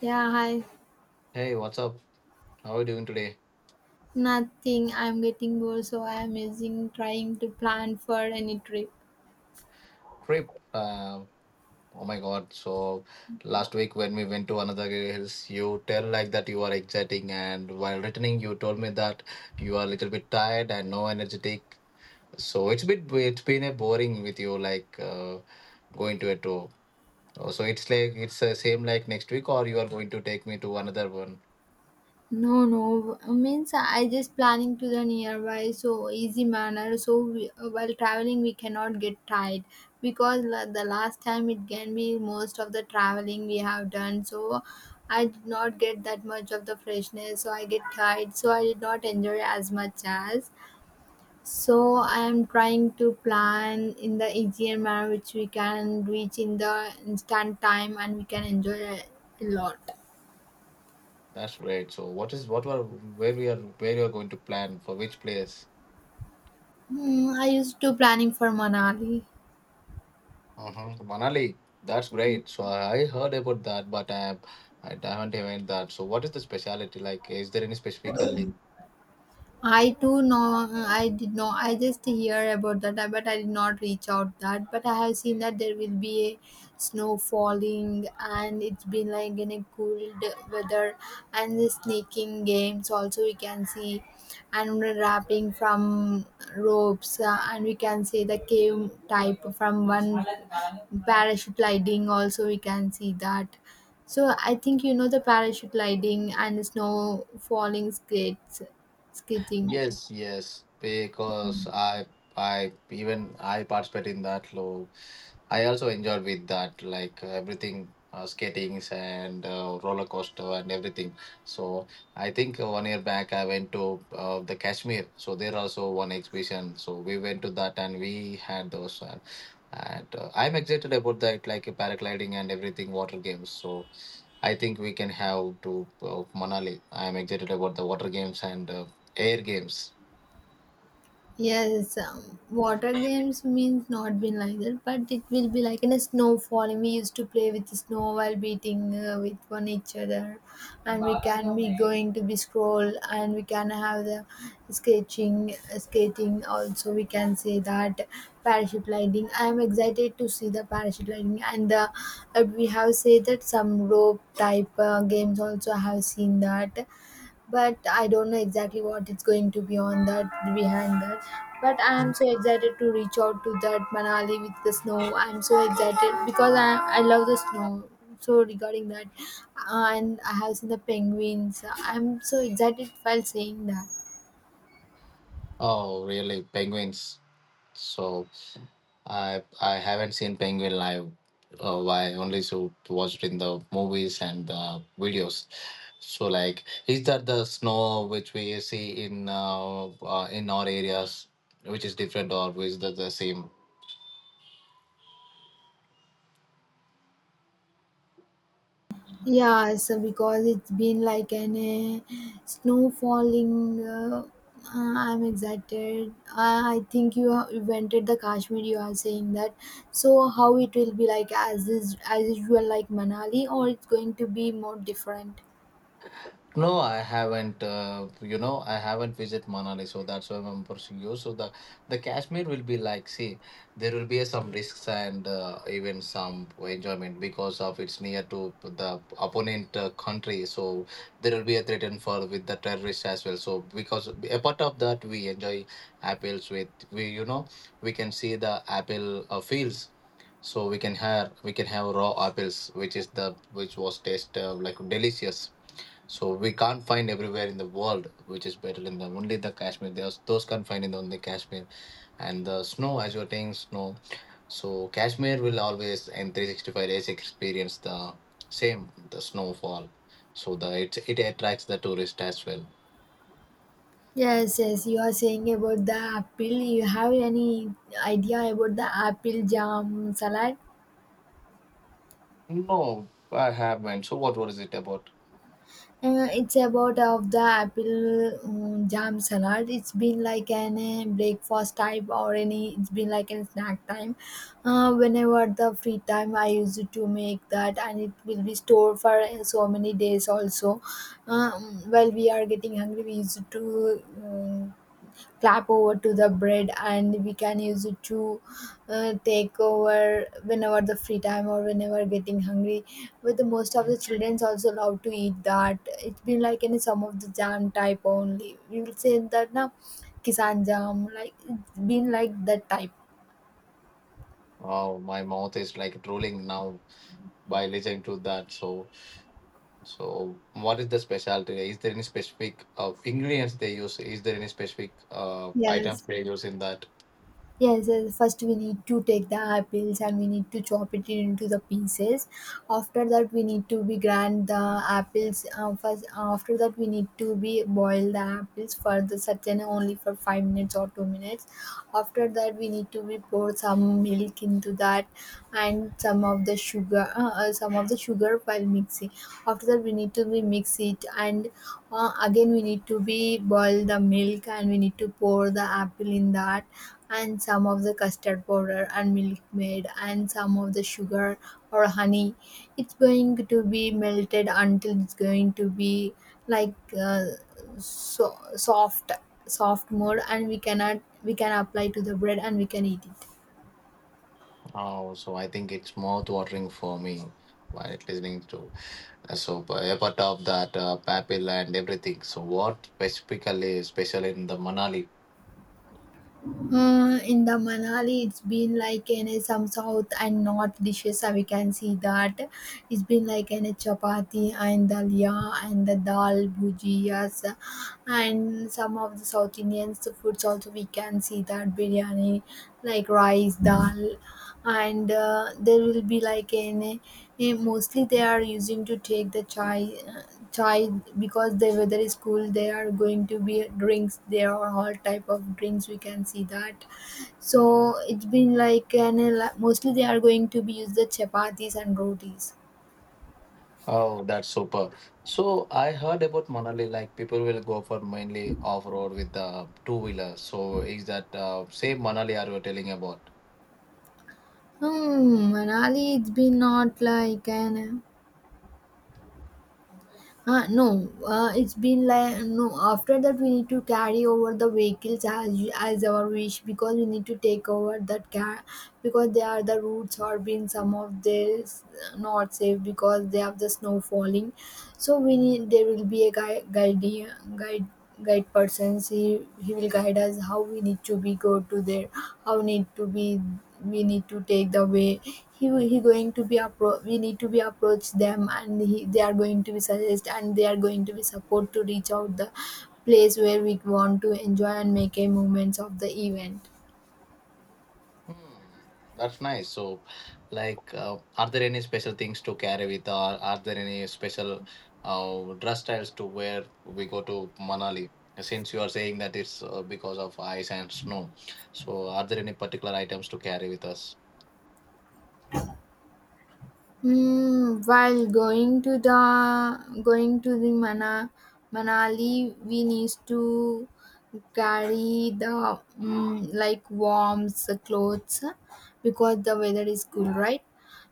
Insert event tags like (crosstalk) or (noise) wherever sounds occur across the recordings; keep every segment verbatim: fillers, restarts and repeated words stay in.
Yeah, hi. Hey, what's up? How are you doing today? Nothing. I'm getting bored, so I'm using trying to plan for any trip. Trip. Uh, oh my God. So last week when we went to another hills, you tell like that you are exciting, and while returning, you told me that you are a little bit tired and no energetic. So it's bit it's been a boring with you like uh, going to a tour. Oh, so it's like it's the same like next week, or you are going to take me to another one. No, no. Uh, Means I just planning to the nearby, so easy manner. So we, uh, while traveling, we cannot get tired because la- the last time it can be most of the traveling we have done. So I did not get that much of the freshness. So I get tired. So I did not enjoy as much as. So I am trying to plan in the easier manner which we can reach in the instant time and we can enjoy a lot. That's great. So what is what were where we are where you are going to plan for which place? Hmm, I used to planning for Manali. Mm-hmm. Manali, that's great. So I heard about that, but I, I haven't even that. So what is the specialty like? Is there any specifically? I too know I did know I just hear about that I- but I did not reach out that, but I have seen that there will be a snow falling, and it's been like in a cold weather, and the sneaking games also we can see, and wrapping from ropes, uh, and we can see the cave type from one parachute lighting also we can see that. So I think you know the parachute lighting and snow falling skates. Skating. Yes, yes, because I I even I participate in that low. I also enjoyed with that, like uh, everything, uh, skatings and uh, roller coaster and everything. So I think uh, one year back I went to uh, the Kashmir. So there also one exhibition. So we went to that and we had those. Uh, and uh, I'm excited about that, like uh, paragliding and everything, water games. So I think we can have to uh, Manali. I am excited about the water games and uh, air games. Yes, um, water games means not been like that, but it will be like in a snow falling. We used to play with the snow while beating uh, with one each other, and we can be going to be scroll, and we can have the sketching, uh, skating. Also, we can say that parachute lighting. I am excited to see the parachute lighting, and the, uh, we have said that some rope type uh, games also. I have seen that, but I don't know exactly what it's going to be on that behind that. But I am so excited to reach out to that Manali with the snow. I'm so excited because I I love the snow. So regarding that, uh, and I have seen the penguins. I'm so excited while saying that. Oh, really, penguins. So I I haven't seen penguin live. Uh, I only so watched in the movies and uh, videos. So like, is that the snow which we see in uh, uh, in our areas, which is different, or is that the same? Yeah, so because it's been like an uh, snow falling. Uh, uh, I'm excited. I, I think you have invented the Kashmir. You are saying that. So how it will be like as is as usual like Manali, or it's going to be more different? No, I haven't. Uh, you know, I haven't visited Manali, so that's why I'm pursuing you. So the the Kashmir will be like, see, there will be some risks and uh, even some enjoyment because of it's near to the opponent uh, country. So there will be a threat and for with the terrorists as well. So because apart of that, we enjoy apples with we, you know, We can see the apple uh, fields, so we can have we can have raw apples which is the which was taste uh, like delicious, so we can't find everywhere in the world which is better than the only the Kashmir. There's those can't find in the only Kashmir, and the snow as you're saying snow. So Kashmir will always in three sixty-five days experience the same the snowfall. So the it it attracts the tourist as well. Yes, yes. You are saying about the apple. You have any idea about the apple jam salad? No, I haven't. So what was it about? Uh, it's about uh, of the apple um, jam salad. It's been like an uh, breakfast type or any. It's been like a snack time. Uh, whenever the free time, I used to make that, and it will be stored for uh, so many days also. Uh, Um, while we are getting hungry, we used to. Um, Clap over to the bread, and we can use it to uh, take over whenever the free time or whenever getting hungry. But the most of the children's also love to eat that. It's been like any some of the jam type only, we will say that now kisan jam, like it's been like that type. Oh, my mouth is like drooling now by listening to that. So so, what is the specialty? Is there any specific uh, ingredients they use? Is there any specific uh, items Yes. they use in that? Yes, yes, first we need to take the apples, and we need to chop it into the pieces. After that, we need to be grind the apples. Uh, first, after that, we need to be boil the apples for the certain only for five minutes or two minutes. After that, we need to be pour some milk into that and some of the sugar, uh, uh, some of the sugar while mixing. After that, we need to be mix it, and uh, again we need to be boil the milk, and we need to pour the apple in that and some of the custard powder and milk made and some of the sugar or honey. It's going to be melted until it's going to be like, uh, so soft, soft mode, and we cannot we can apply to the bread, and we can eat it. Oh, so I think it's mouth watering for me while listening to. Uh, so, but apart of that, uh, papil and everything. So, what specifically is special in the Manali? Uh, in the Manali, it's been like in a, some south and north dishes. uh, We can see that it's been like in a chapati and dalia and the dal bhujiyas, uh, and some of the South Indians foods also. We can see that biryani, like rice dal, and uh, there will be like an a, mostly they are using to take the chai uh, chai because the weather is cool. They are going to be drinks. There are all type of drinks we can see that. So it's been like an mostly they are going to be use the chapatis and rotis. Oh, that's super. So I heard about Manali, like people will go for mainly off road with the two wheeler. So is that uh, same Manali are you telling about? Hmm, Manali it's been not like an. Uh, no, uh, it's been like no. After that, we need to carry over the vehicles as as our wish because we need to take over that car because they are the routes are been some of this uh, not safe because they have the snow falling. So we need there will be a guide guide guide guide persons. He he will guide us how we need to be go to there, how need to be, we need to take the way. He he going to be appro- we need to be approach them, and he, they are going to be suggest, and they are going to be support to reach out the place where we want to enjoy and make a moments of the event. Hmm, that's nice. So, like, uh, are there any special things to carry with, or are there any special uh, dress styles to wear? We go to Manali. Since you are saying that it's uh, because of ice and snow, so are there any particular items to carry with us? Hmm, while going to the going to the Mana, Manali, we need to carry the mm, like warm clothes because the weather is cool, right?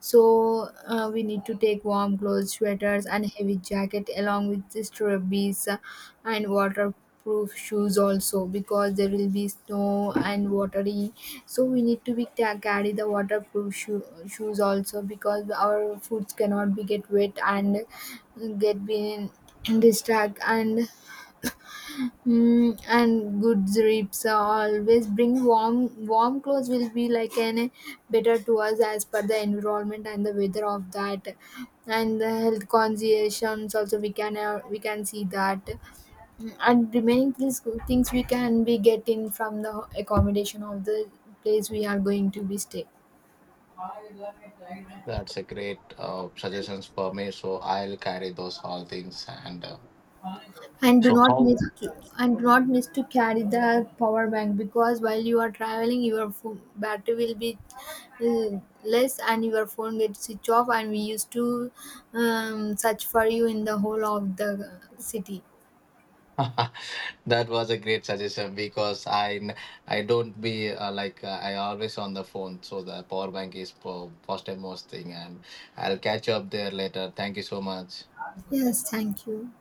So uh, we need to take warm clothes, sweaters, and heavy jacket along with the strawberries, uh, and waterproof shoes also because there will be snow and watery. So we need to be ta- carry the waterproof shoe- shoes also because our foods cannot be get wet and get been (clears throat) distract and. Mm, and good drips, always bring warm warm clothes will be like an eh, better to us as per the environment and the weather of that, and the health conscientious also we can uh, we can see that. Mm, and remaining things things we can be getting from the accommodation of the place we are going to be stay. That's a great uh, suggestions for me. So I'll carry those all things. And uh, and do so not how miss to and do not miss to carry the power bank because while you are traveling your phone battery will be uh, less, and your phone gets switch off, and we used to um, search for you in the whole of the city. (laughs) that was a great suggestion because I n- I don't be uh, like uh, I always on the phone, so the power bank is po- first and most thing, and I'll catch up there later. Thank you so much. Yes, thank you.